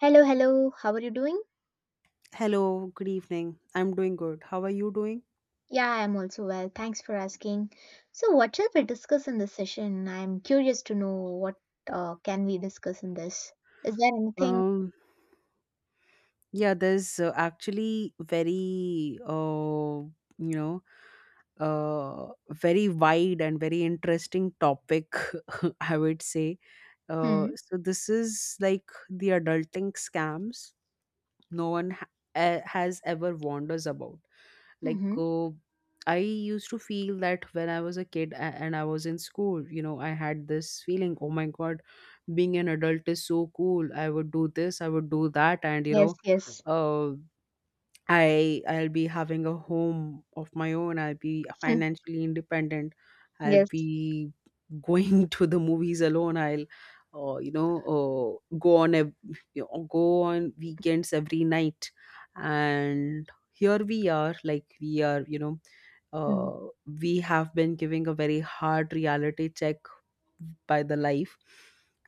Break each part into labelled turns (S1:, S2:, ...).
S1: Hello, hello. How are you doing?
S2: Hello, good evening. I'm doing good. How are you doing?
S1: Yeah, I'm also well. Thanks for asking. So, what shall we discuss in this session? I'm curious to know what can we discuss in this. Is there anything?
S2: Um, yeah, there's actually you know, very wide and very interesting topic, I would say. Uh,
S1: Hmm.
S2: so this is like the adulting scams no one has ever warned us about. Like,
S1: Mm-hmm.
S2: I used to feel that when I was a kid, and I was in school, you know, I had this feeling, oh my god, being an adult is so cool. I would do this, I would do that, and you
S1: Yes.
S2: know.
S1: Yes.
S2: uh, I'll be having a home of my own. I'll be financially independent. I'll
S1: Yes.
S2: be going to the movies alone. I'll go on a you know, go on weekends every night. And here we are, like we are, you know,
S1: Hmm.
S2: uh, we have been giving a very hard reality check by the life,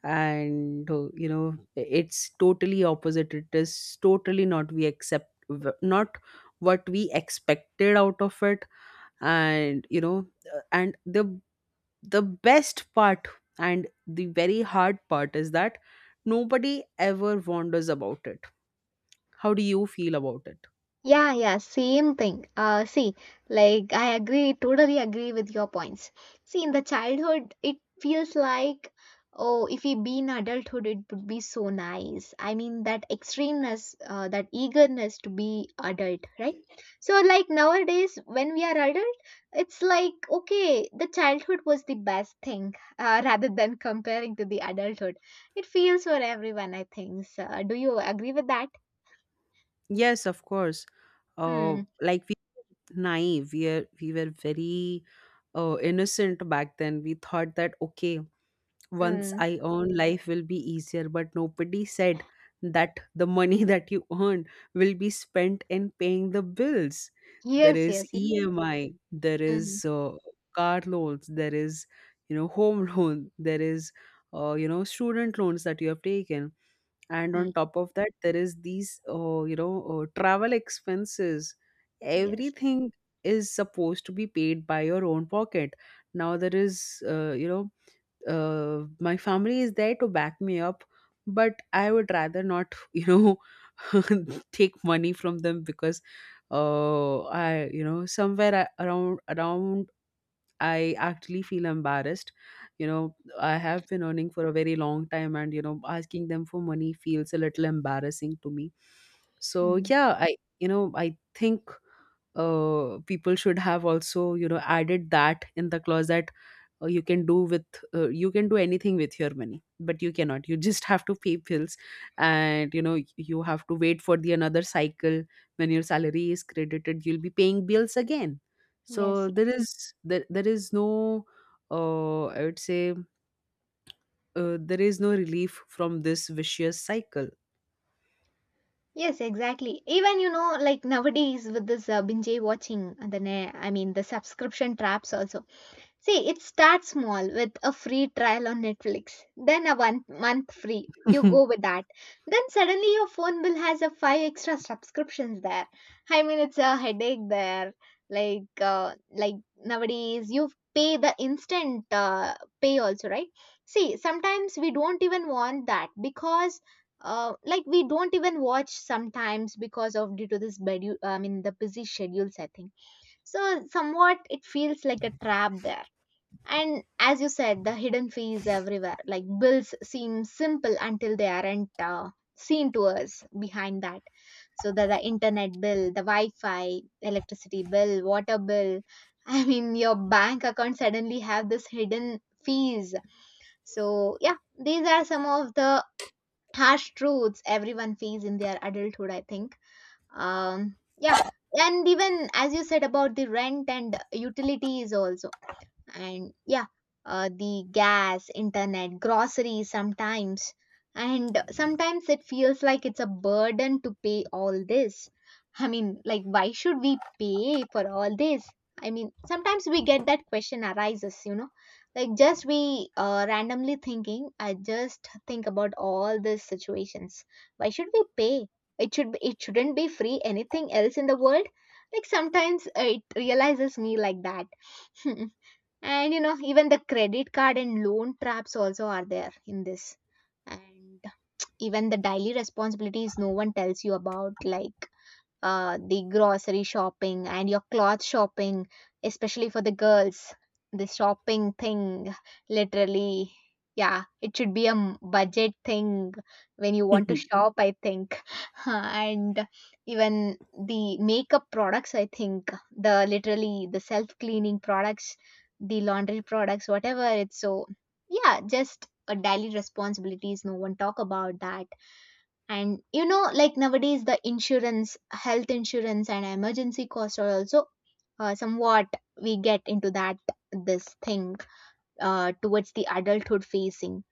S2: and you know, it's totally opposite. It is totally not, not what we expected out of it. And you know. And the best part and the very hard part is that nobody ever wonders about it. How do you feel about it?
S1: Yeah, yeah, same thing. See, like I agree, totally agree with your points. See, in the childhood, it feels like, oh, if we be in adulthood, it would be so nice. I mean, that extremeness, that eagerness to be adult, right? So, like nowadays, when we are adult, it's like, okay, the childhood was the best thing, rather than comparing to the adulthood. It feels for everyone, I think. So, do you agree with that?
S2: Yes, of course.
S1: Hmm.
S2: Like, we naive we are we were very innocent back then. We thought that, okay, once
S1: Hmm.
S2: I earn, life will be easier. But nobody said that the money that you earn will be spent in paying the bills. There
S1: Yes,
S2: is
S1: yes.
S2: EMI, there
S1: Mm-hmm.
S2: is car loans, there is, you know, home loan, there is student loans that you have taken, and on top of that, there is these travel expenses.
S1: Yes.
S2: Everything is supposed to be paid by your own pocket. Now there is, my family is there to back me up, but I would rather not you know take money from them, because I, you know, somewhere around, I actually feel embarrassed. You know, I have been earning for a very long time, and you know, asking them for money feels a little embarrassing to me. So
S1: Mhm.
S2: yeah, I you know I think people should have also, you know, added that in the clause that, uh, you can do with you can do anything with your money, but you cannot you just have to pay bills. And you know, you have to wait for the another cycle. When your salary is credited, you'll be paying bills again.
S1: Yes,
S2: So there
S1: yes,
S2: is, there is no, I would say, there is no relief from this vicious cycle.
S1: yes, exactly. Even you know, like nowadays with this binge watching, and I mean the subscription traps also. See, it starts small with a free trial on Netflix, then a 1 month free. You go with that. Then suddenly your phone bill has a five extra subscriptions there. I mean, it's a headache there. Like nowadays you pay the instant pay also, right? See, sometimes we don't even want that because, like we don't even watch sometimes because of due to this I mean the busy schedules. I think so. Somewhat it feels like a trap there, and as you said, the hidden fees everywhere. Like bills seem simple until they aren't seen to us behind that. So the internet bill, the Wi-Fi, electricity bill, water bill. I mean, your bank account suddenly have this hidden fees. So yeah, these are some of the harsh truths everyone faces in their adulthood, I think. Yeah, and even as you said about the rent and utilities also, and yeah, the gas, internet, groceries sometimes, and sometimes it feels like it's a burden to pay all this. I mean, like, why should we pay for all this? I mean, sometimes we get that question arises. Like, just we randomly thinking, I just think about all these situations. Why should we pay? It shouldn't be free anything else in the world. Like, sometimes it realizes me like that. And you know, even the credit card and loan traps also are there in this. And even the daily responsibilities, no one tells you about, like, the grocery shopping and your cloth shopping, especially for the girls. The shopping thing, literally, yeah, it should be a budget thing when you want to shop, I think. And even the makeup products, I think, the literally the self cleaning products, the laundry products, whatever. It's so, yeah, just a daily responsibilities. No one talk about that. And you know, like nowadays the insurance, health insurance, and emergency costs are also, somewhat we get into that, this thing, towards the adulthood facing.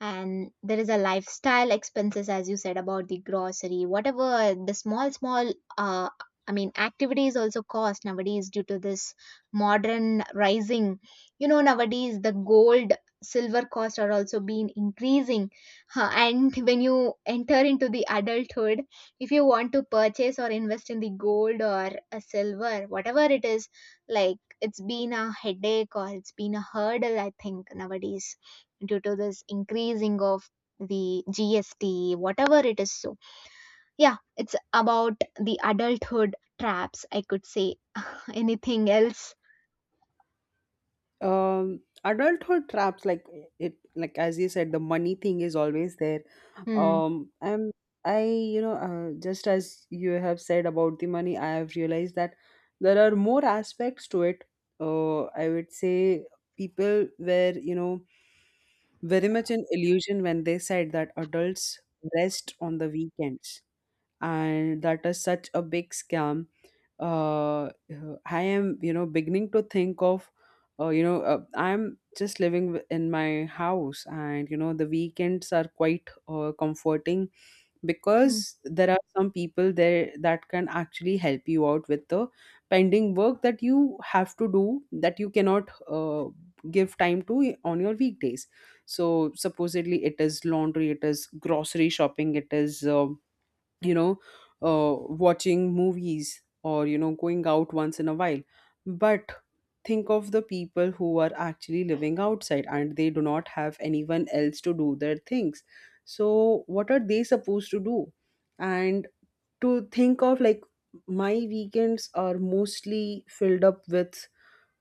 S1: And there is a lifestyle expenses, as you said, about the grocery, whatever, the small small I mean activities also cost nowadays due to this modern rising. You know, nowadays the gold, silver cost are also been increasing. Huh, and when you enter into the adulthood, if you want to purchase or invest in the gold or a silver, whatever it is, like, it's been a headache or it's been a hurdle, I think, nowadays, due to this increasing of the GST, whatever it is. So, yeah, it's about the adulthood traps, I could say. Anything else?
S2: Adulthood traps, like it, like as you said, the money thing is always there.
S1: Hmm.
S2: Um i'm i you know, just as you have said about the money, I have realized that there are more aspects to it. I would say, people were, you know, very much in illusion when they said that adults rest on the weekends, and that is such a big scam. uh, uh, I am, you know, beginning to think of, I'm just living in my house, and you know, the weekends are quite comforting,
S1: Hmm.
S2: because there are some people there that can actually help you out with the pending work that you have to do, that you cannot give time to on your weekdays. So supposedly, it is laundry, it is grocery shopping, it is. You know uh, Watching movies or, you know, going out once in a while. But think of the people who are actually living outside and they do not have anyone else to do their things. So what are they supposed to do? And to think of, like, my weekends are mostly filled up with,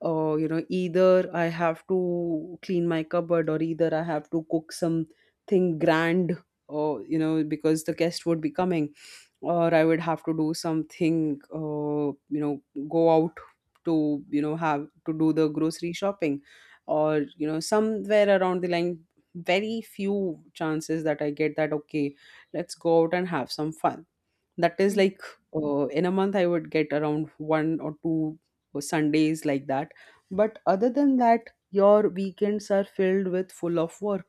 S2: either I have to clean my cupboard, or either I have to cook something grand, or you know, because the guest would be coming, or I would have to do something, you know go out to, you know, have to do the grocery shopping, or you know, somewhere around the line. Very few chances that I get, that, okay, let's go out and have some fun. That is
S1: Hmm.
S2: like, in a month I would get around one or two Sundays like that. But other than that, your weekends are filled with full of work,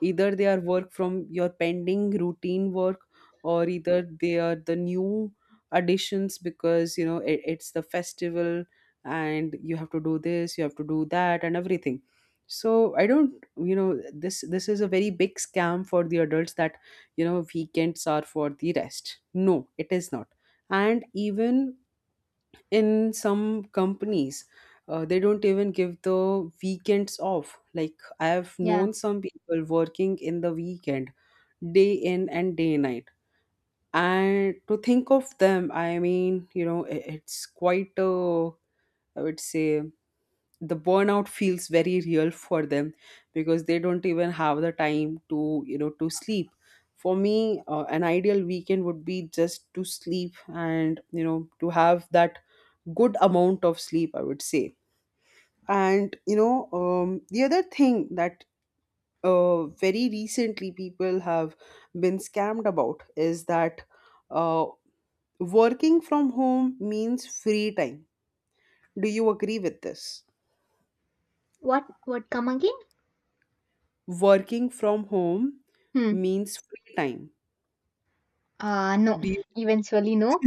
S2: either they are work from your pending routine work, or either they are the new additions, because you know it's the festival, and you have to do this, you have to do that, and everything. So I don't, you know, this is a very big scam for the adults, that you know, weekends are for the rest. No, it is not. And even in some companies, they don't even give the weekends off. Like, I have
S1: Yeah.
S2: known some people working in the weekend, day in and day night. And to think of them, I mean, you know, it's quite I would say, the burnout feels very real for them, because they don't even have the time to, you know, to sleep. For me, an ideal weekend would be just to sleep and, you know, to have that good amount of sleep, I would say. And you know, the other thing that very recently people have been scammed about is that, uh, working from home means free time. Do you agree with this?
S1: What? What? Come again?
S2: Working from home
S1: Hmm.
S2: means free time.
S1: No.
S2: Do you?
S1: Eventually, no.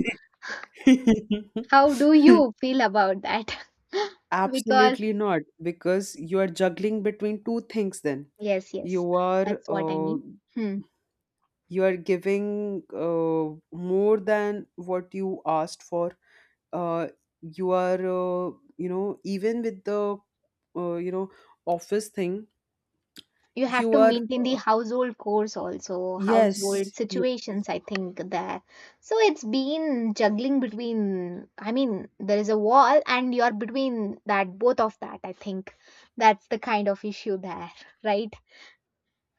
S1: How do you feel about that? Because,
S2: Absolutely not, because you are juggling between two things then.
S1: yes, yes.
S2: You are
S1: That's what I
S2: uh,
S1: mean. Hmm.
S2: you are giving more than what you asked for. Uh, you are, uh, even with the, uh, you know office thing,
S1: You have
S2: you
S1: to
S2: are.
S1: maintain the household chores also, household
S2: Yes,
S1: situations, I think there. So it's been juggling between, I mean, there is a wall and you're between that, both of that, I think. That's the kind of issue there, right?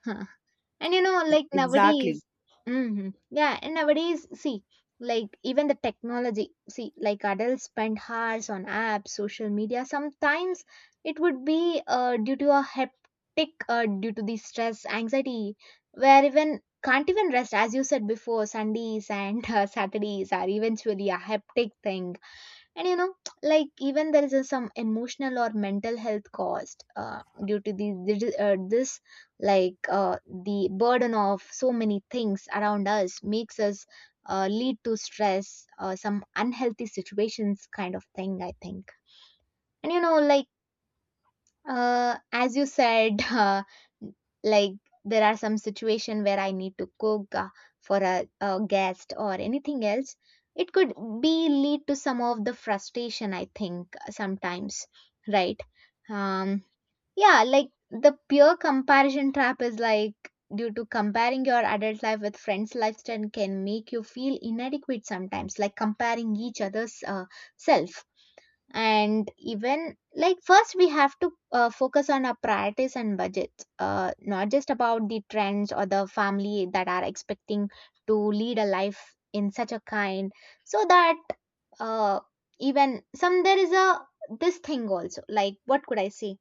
S1: And you know, like
S2: exactly.
S1: nowadays, yeah, and nowadays, see, like even the technology, see, like adults spend hours on apps, social media. Sometimes it would be due to a hectic, due to the stress, anxiety, where even can't even rest, as you said before, Sundays and Saturdays are eventually a hectic thing. And you know, like, even there is some emotional or mental health cost due to this, like, the burden of so many things around us makes us lead to stress, some unhealthy situations, kind of thing, I think. And you know, like, as you said, like, there are some situation where I need to cook for a guest or anything else. It could be lead to some of the frustration, I think, sometimes, right? Um, yeah, like the pure comparison trap is like due to comparing your adult life with friends' lifestyle can make you feel inadequate sometimes, like comparing each other's self. And even, like, first we have to focus on our priorities and budgets, not just about the trends or the family that are expecting to lead a life in such a kind. So that, uh, even some, there is a this thing also, like, what could I say?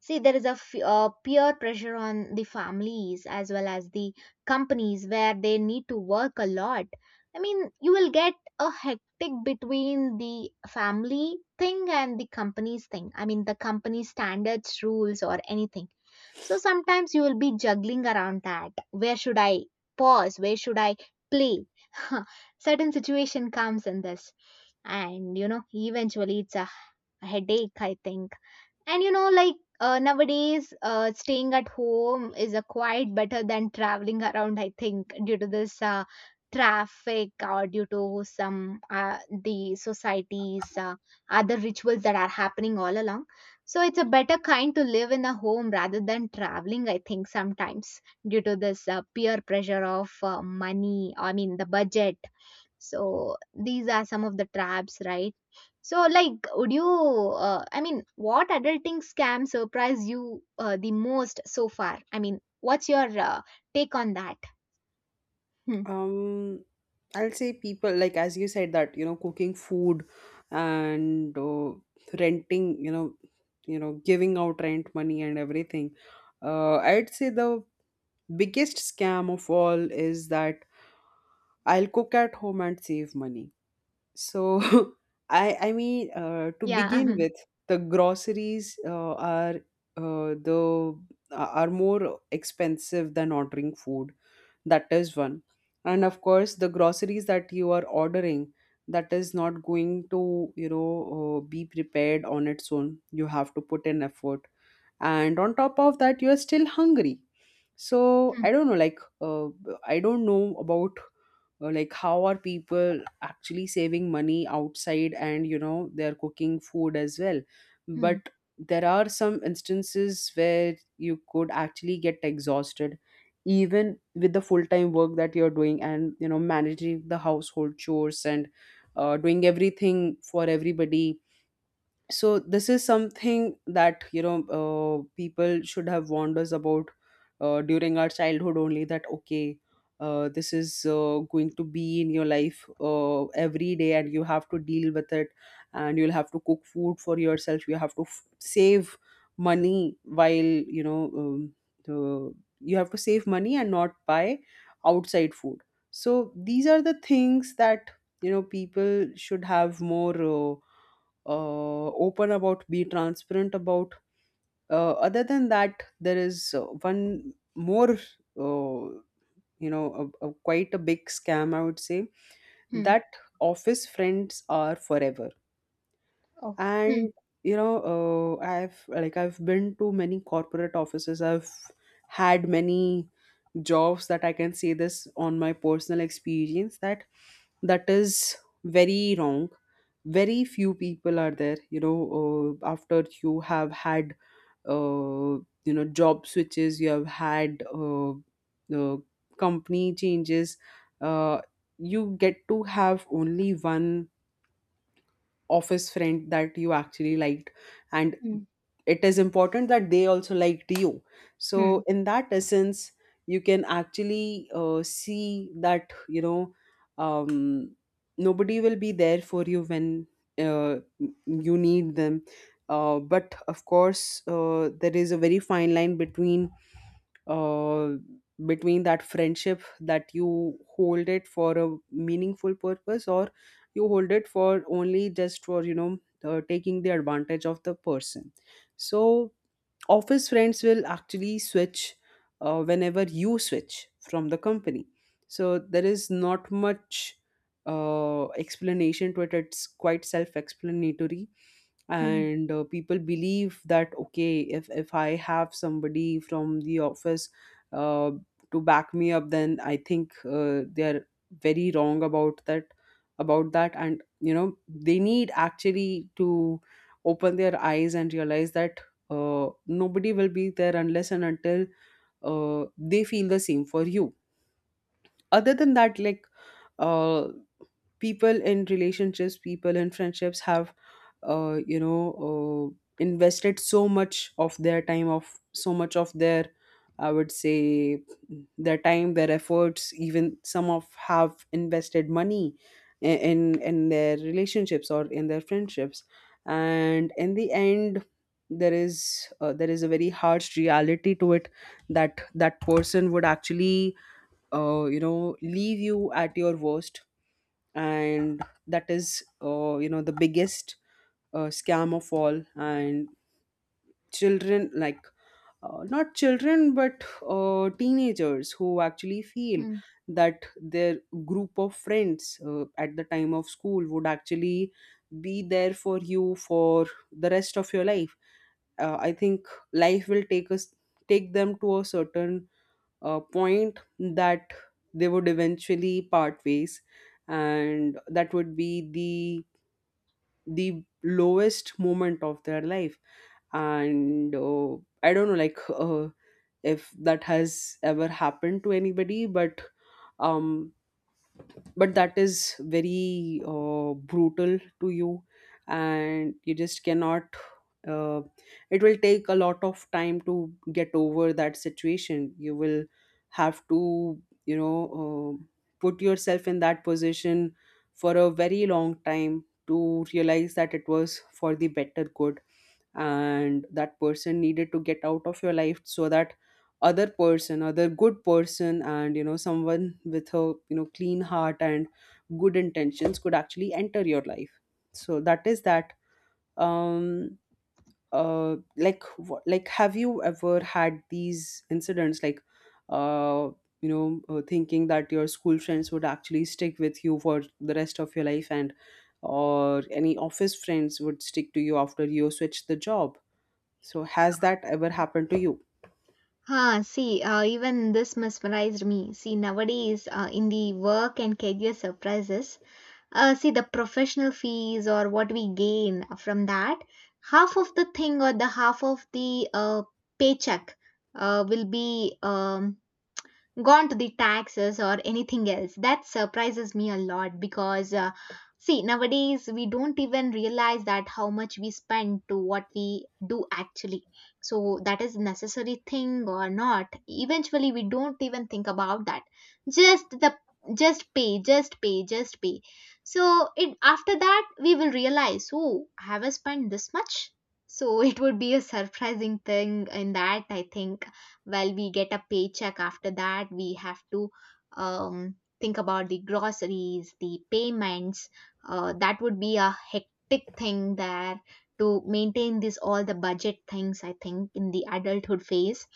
S1: See, there is a peer pressure on the families as well as the companies where they need to work a lot. I mean, you will get a hectic between the family thing and the company's thing. I mean, the company standards, rules, or anything. So sometimes you will be juggling around that. Where should I pause? Where should I play? Certain situation comes in this, and you know, eventually it's a headache, I think. And you know, like, nowadays, staying at home is a quite better than traveling around, I think, due to this traffic or due to some, the societies, other rituals that are happening all along. So it's a better kind to live in a home rather than traveling, I think, sometimes, due to this peer pressure of money, I mean, the budget. So these are some of the traps, right? So, like, would you, I mean, what adulting scam surprised you the most so far? I mean, what's your take on that? Hmm.
S2: Um, I'll say, people, like as you said that, you know, cooking food and renting, you know, giving out rent money and everything. I'd say the biggest scam of all is that I'll cook at home and save money. So I mean, to
S1: Yeah,
S2: begin
S1: mhm.
S2: with, the groceries are, the are more expensive than ordering food. That is one. And of course the groceries that you are ordering, that is not going to, you know, be prepared on its own. You have to put in effort, and on top of that, you are still hungry. So
S1: Hmm.
S2: I don't know about, like how are people actually saving money outside, and you know, they're cooking food as well.
S1: Hmm.
S2: But there are some instances where you could actually get exhausted even with the full-time work that you're doing, and you know, managing the household chores, and doing everything for everybody. So this is something that, you know, people should have warned us about during our childhood only, that, okay, this is going to be in your life every day, and you have to deal with it. And you'll have to cook food for yourself, you have to save money while, you know. Uh, you have to save money and not buy outside food. So these are the things that, you know, people should have more open about, be transparent about. Other than that, there is one more, uh, you know, a quite a big scam, I would say,
S1: Hmm.
S2: that office friends are forever.
S1: Oh. Hmm.
S2: And, you know, I've like I've been to many corporate offices. I've had many jobs that I can say this on my personal experience, that is very wrong. Very few people are there, you know, after you have had, you know, job switches. You have had uh, company changes. uh, you get to have only one office friend that you actually liked, and
S1: Hmm.
S2: it is important that they also liked you.
S1: Hmm.
S2: So in that essence, you can actually see that, you know, um, nobody will be there for you when uh, you need them. But of course, there is a very fine line between uh, between that friendship that you hold it for a meaningful purpose, or you hold it for only just for, you know, taking the advantage of the person. So office friends will actually switch whenever you switch from the company. So there is not much explanation to it. It's quite self-explanatory.
S1: Hmm.
S2: And people believe that okay, if I have somebody from the office uh, to back me up, then I think they are very wrong about that and, you know, they need actually to open their eyes and realize that nobody will be there unless and until they feel the same for you. Other than that, like, uh, people in relationships, people in friendships have, you know, invested so much of their time, of so much of their, I would say, their time, their efforts. Even some of have invested money, i- in their relationships or in their friendships, and in the end there is a very harsh reality to it, that that person would actually, you know, leave you at your worst. And that is, you know, the biggest scam of all. And children, like, not children, but teenagers who actually feel
S1: Hmm.
S2: that their group of friends at the time of school would actually be there for you for the rest of your life. I think life will take us take them to a certain point that they would eventually part ways, and that would be the lowest moment of their life. And I don't know, like, if that has ever happened to anybody, um but that is very brutal to you, and you just cannot, uh, it will take a lot of time to get over that situation. You will have to, you know, put yourself in that position for a very long time to realize that it was for the better good, and that person needed to get out of your life so that other person, other good person, and, you know, someone with a, you know, clean heart and good intentions could actually enter your life. So that is that. um like like, have you ever had these incidents, like, uh you know, thinking that your school friends would actually stick with you for the rest of your life, and or any office friends would stick to you after you switch the job? So, has that ever happened to you?
S1: Ah, see, even this mesmerized me. See, nowadays, in the work and career surprises, see, the professional fees, or what we gain from that, half of the thing, or the half of the paycheck will be, gone to the taxes or anything else. That surprises me a lot, because, see, nowadays we don't even realize that how much we spend to what we do actually. So that is necessary thing or not. Eventually, we don't even think about that. Just the just pay, just pay, just pay. So, it after that we will realize, oh, have I spent this much? So it would be a surprising thing in that, I think. Well, we get a paycheck, after that we have to, think about the groceries, the payments, that would be a hectic thing there, to maintain this all the budget things, I think, in the adulthood phase.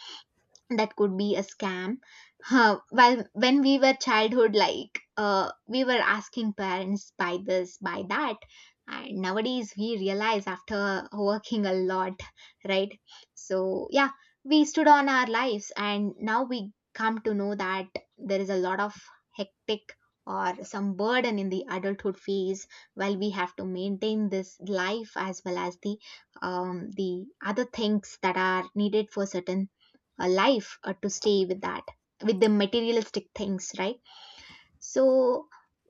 S1: That could be a scam. Huh. Well, when we were childhood, like, we were asking parents, buy this, buy that, and nowadays we realize after working a lot, right? So yeah, we stood on our lives, and now we come to know that there is a lot of hectic or some burden in the adulthood phase, while we have to maintain this life as well as the, the other things that are needed for certain a life, to stay with that, with the materialistic things, right? So,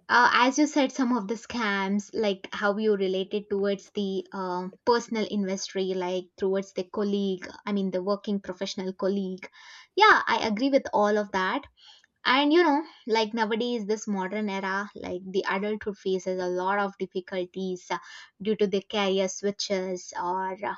S1: as you said, some of the scams, like, how you related towards the personal industry, like, towards the colleague, I mean, the working professional colleague. Yeah, I agree with all of that. And you know, like, nowadays this modern era, like, the adulthood faces a lot of difficulties due to the career switches, or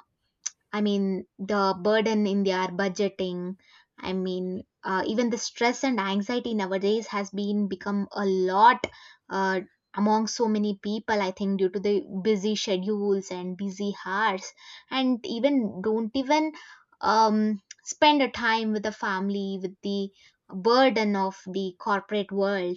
S1: I mean, the burden in their budgeting. I mean, even the stress and anxiety nowadays has been become a lot uh, among so many people. I think due to the busy schedules and busy hours, and even don't even, spend a time with the family, with the burden of the corporate world.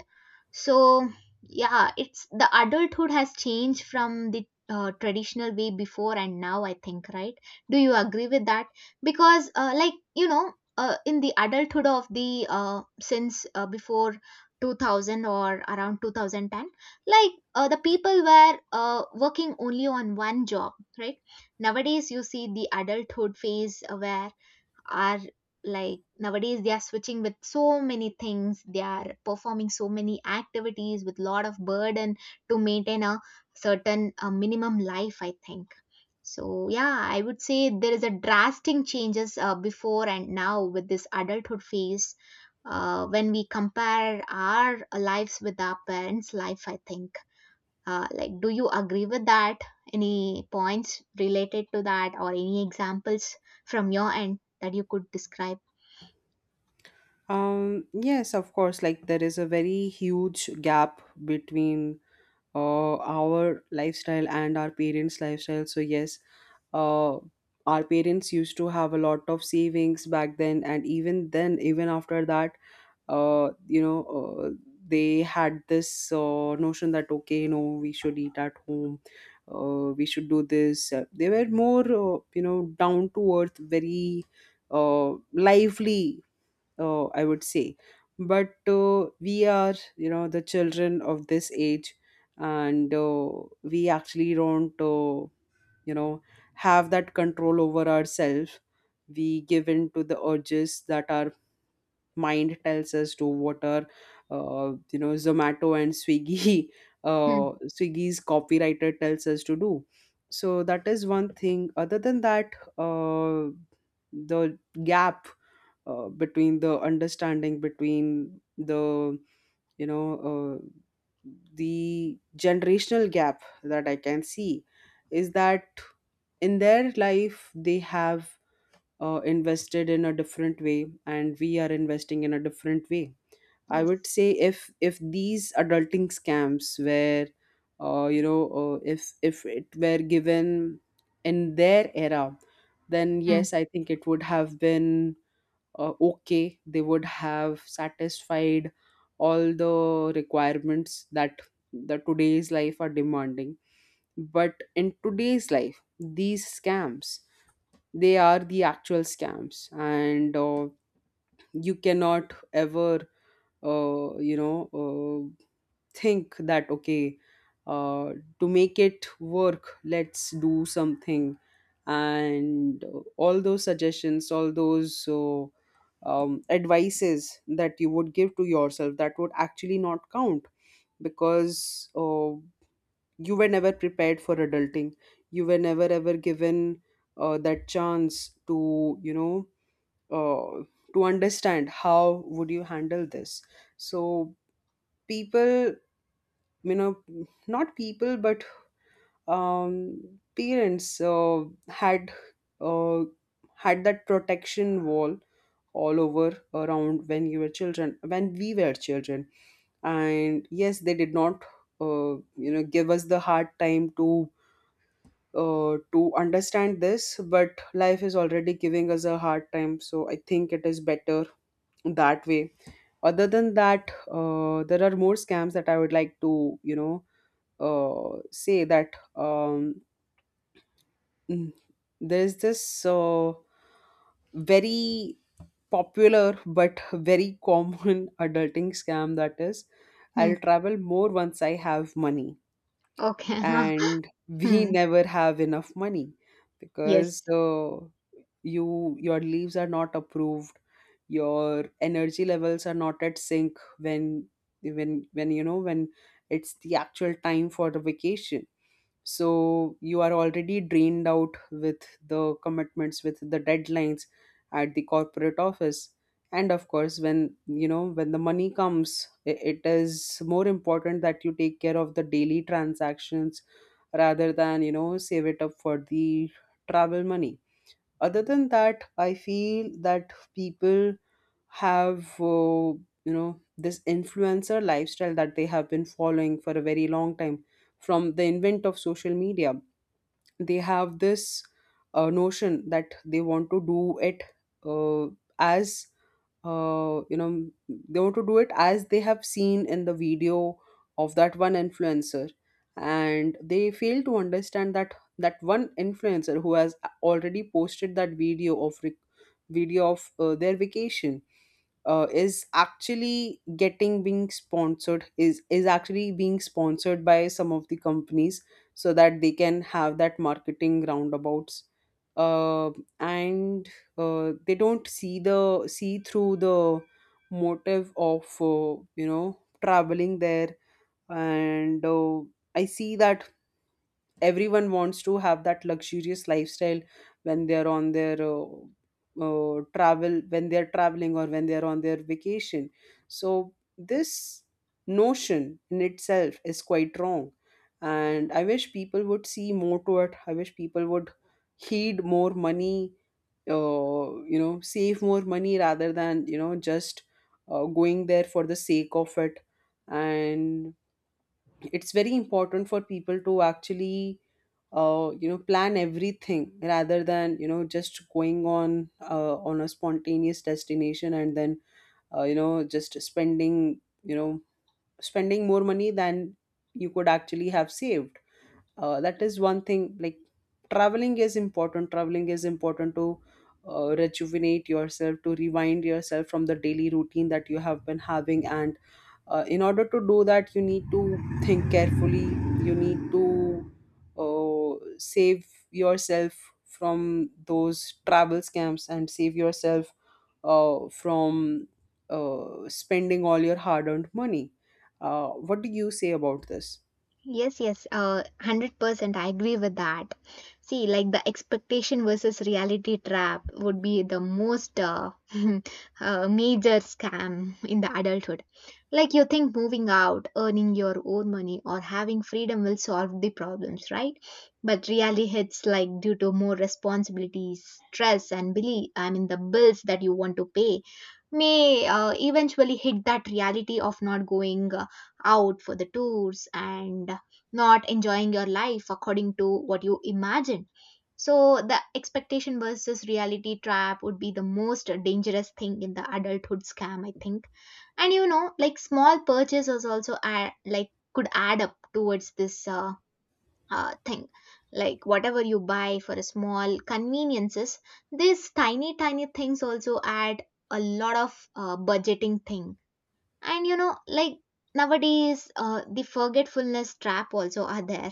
S1: So yeah, it's the adulthood has changed from the traditional way before and now. I think, right? Do you agree with that? Because, like, you know, in the adulthood of the, since, before 2000 or around 2010, like, the people were working only on one job, right? Nowadays you see the adulthood phase, where are, like, nowadays they are switching with so many things, they are performing so many activities with lot of burden to maintain a certain minimum life, I think. So yeah, I would say there is a drastic changes before and now with this adulthood phase, when we compare our lives with our parents' life, I think. Like, do you agree with that? Any points related to that, or any examples from your end that you could describe?
S2: Yes, of course. Like, there is a very huge gap between our lifestyle and our parents' lifestyle. So, yes, uh, our parents used to have a lot of savings back then, and even then, even after that, you know, uh, they had this notion that okay, you know, we should eat at home, we should do this. They were more, you know, down to earth, very lively, I would say. But we are, you know, the children of this age, and we actually don't, you know, have that control over ourselves. We give in to the urges that our mind tells us to, what are, you know, Zomato and Swiggy
S1: Hmm.
S2: Swiggy's copywriter tells us to do. So that is one thing. Other than that, uh, the gap, between the understanding, between the, you know, uh, the generational gap that I can see is that in their life they have invested in a different way, and we are investing in a different way. I would
S1: Yes.
S2: say if these adulting scams were you know, if it were given in their era, then
S1: Hmm.
S2: yes, I think it would have been okay. They would have satisfied all the requirements that the today's life are demanding. But in today's life, these scams, they are the actual scams, and you cannot ever you know, think that okay, uh, to make it work let's do something. And all those suggestions, all those advices that you would give to yourself, that would actually not count, because you were never prepared for adulting. You were never ever given that chance to, you know, uh, to understand how would you handle this. So people, you know, not people but, parents had uh, had that protection wall all over around when you were children when we were children, and yes, they did not uh, you know, give us the hard time to understand this. But life is already giving us a hard time, so I think it is better that way. Other than that, there are more scams that I would like to, you know, say that mm, there's this very popular but very common adulting scam that is,
S1: Hmm.
S2: I'll travel more once I have money,
S1: Okay.
S2: and we
S1: Hmm.
S2: never have enough money,
S1: Yes.
S2: because your leaves are not approved, your energy levels are not at sync when you know, when it's the actual time for the vacation. So you are already drained out with the commitments, with the deadlines at the corporate office. And of course when, you know, when the money comes, it is more important that you take care of the daily transactions rather than, you know, save it up for the travel money. Other than that, I feel that people have, you know, this influencer lifestyle that they have been following for a very long time, from the invent of social media. They have this notion that they want to do it uh, as you know, they want to do it as they have seen in the video of that one influencer. And they fail to understand that that one influencer who has already posted that video of their vacation is actually getting being sponsored is actually being sponsored by some of the companies, so that they can have that marketing roundabouts, uh, and they don't see the see through the motive of, you know, traveling there. And I see that everyone wants to have that luxurious lifestyle when they're on their travel, when they're traveling or when they're on their vacation. So this notion in itself is quite wrong, and I wish people would see more to it. I wish people would heed more money, you know, save more money rather than, you know, just going there for the sake of it. And it's very important for people to actually you know, plan everything rather than, you know, just going on a spontaneous destination, and then you know, just spending more money than you could actually have saved. That is one thing. Like, traveling is important, traveling is important to rejuvenate yourself, to rewind yourself from the daily routine that you have been having. And in order to do that, you need to think carefully. You need to save yourself from those travel scams, and save yourself from spending all your hard earned money. What do you say about this?
S1: Yes, yes, 100% I agree with that. See, like, the expectation versus reality trap would be the most major scam in the adulthood. Like, you think moving out, earning your own money, or having freedom will solve the problems, right? But reality hits, like, due to more responsibilities, stress, and belief, I mean, the bills that you want to pay may eventually hit that reality of not going out for the tours, and not enjoying your life according to what you imagined. So, the expectation versus reality trap would be the most dangerous thing in the adulthood scam, I think. And you know, like, small purchases also add, like, could add up towards this, thing. Like, whatever you buy for a small conveniences, these tiny, tiny things also add a lot of budgeting thing. And you know, like, nowadays, the forgetfulness trap also are there.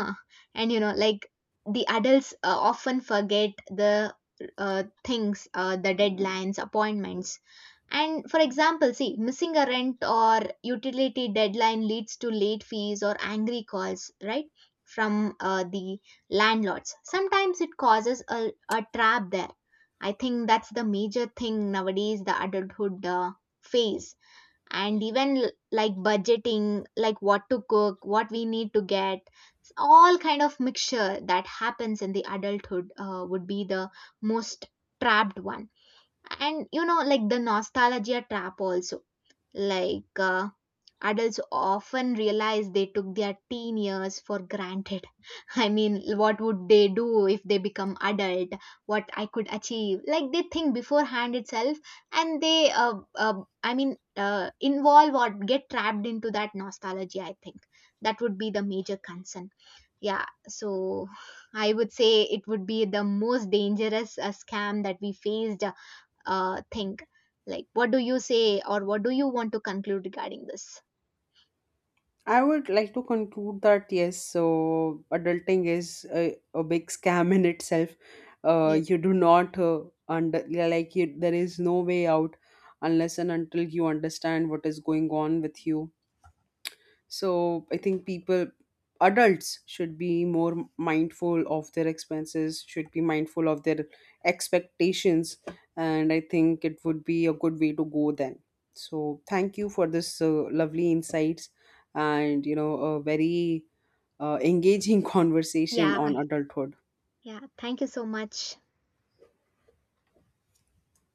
S1: And you know, like, the adults often forget the things, the deadlines, appointments. And, for example, see, missing a rent or utility deadline leads to late fees or angry calls, right? From, the landlords. Sometimes it causes a trap there. I think that's the major thing nowadays, the adulthood phase. And even, like budgeting, like, what to cook, what we need to get, all kind of mixture that happens in the adulthood would be the most trapped one. And you know, like, the nostalgia trap also, like, adults often realize they took their teen years for granted. I mean, what would they do if they become adult? What I could achieve? Like, they think beforehand itself, and they, I mean, involve or get trapped into that nostalgia, I think. That would be the major concern. Yeah, so I would say it would be the most dangerous scam that we faced. Thing. Like, what do you say, or what do you want to conclude regarding this?
S2: I would like to conclude that yes, so adulting is a big scam in itself.
S1: Yes.
S2: You do not under yeah, like you, there is no way out unless and until you understand what is going on with you. So I think people, adults, should be more mindful of their expenses, should be mindful of their expectations, and I think it would be a good way to go then. So thank you for this lovely insights, and you know, a very engaging conversation
S1: Yeah,
S2: on adulthood.
S1: yeah. Thank you so much.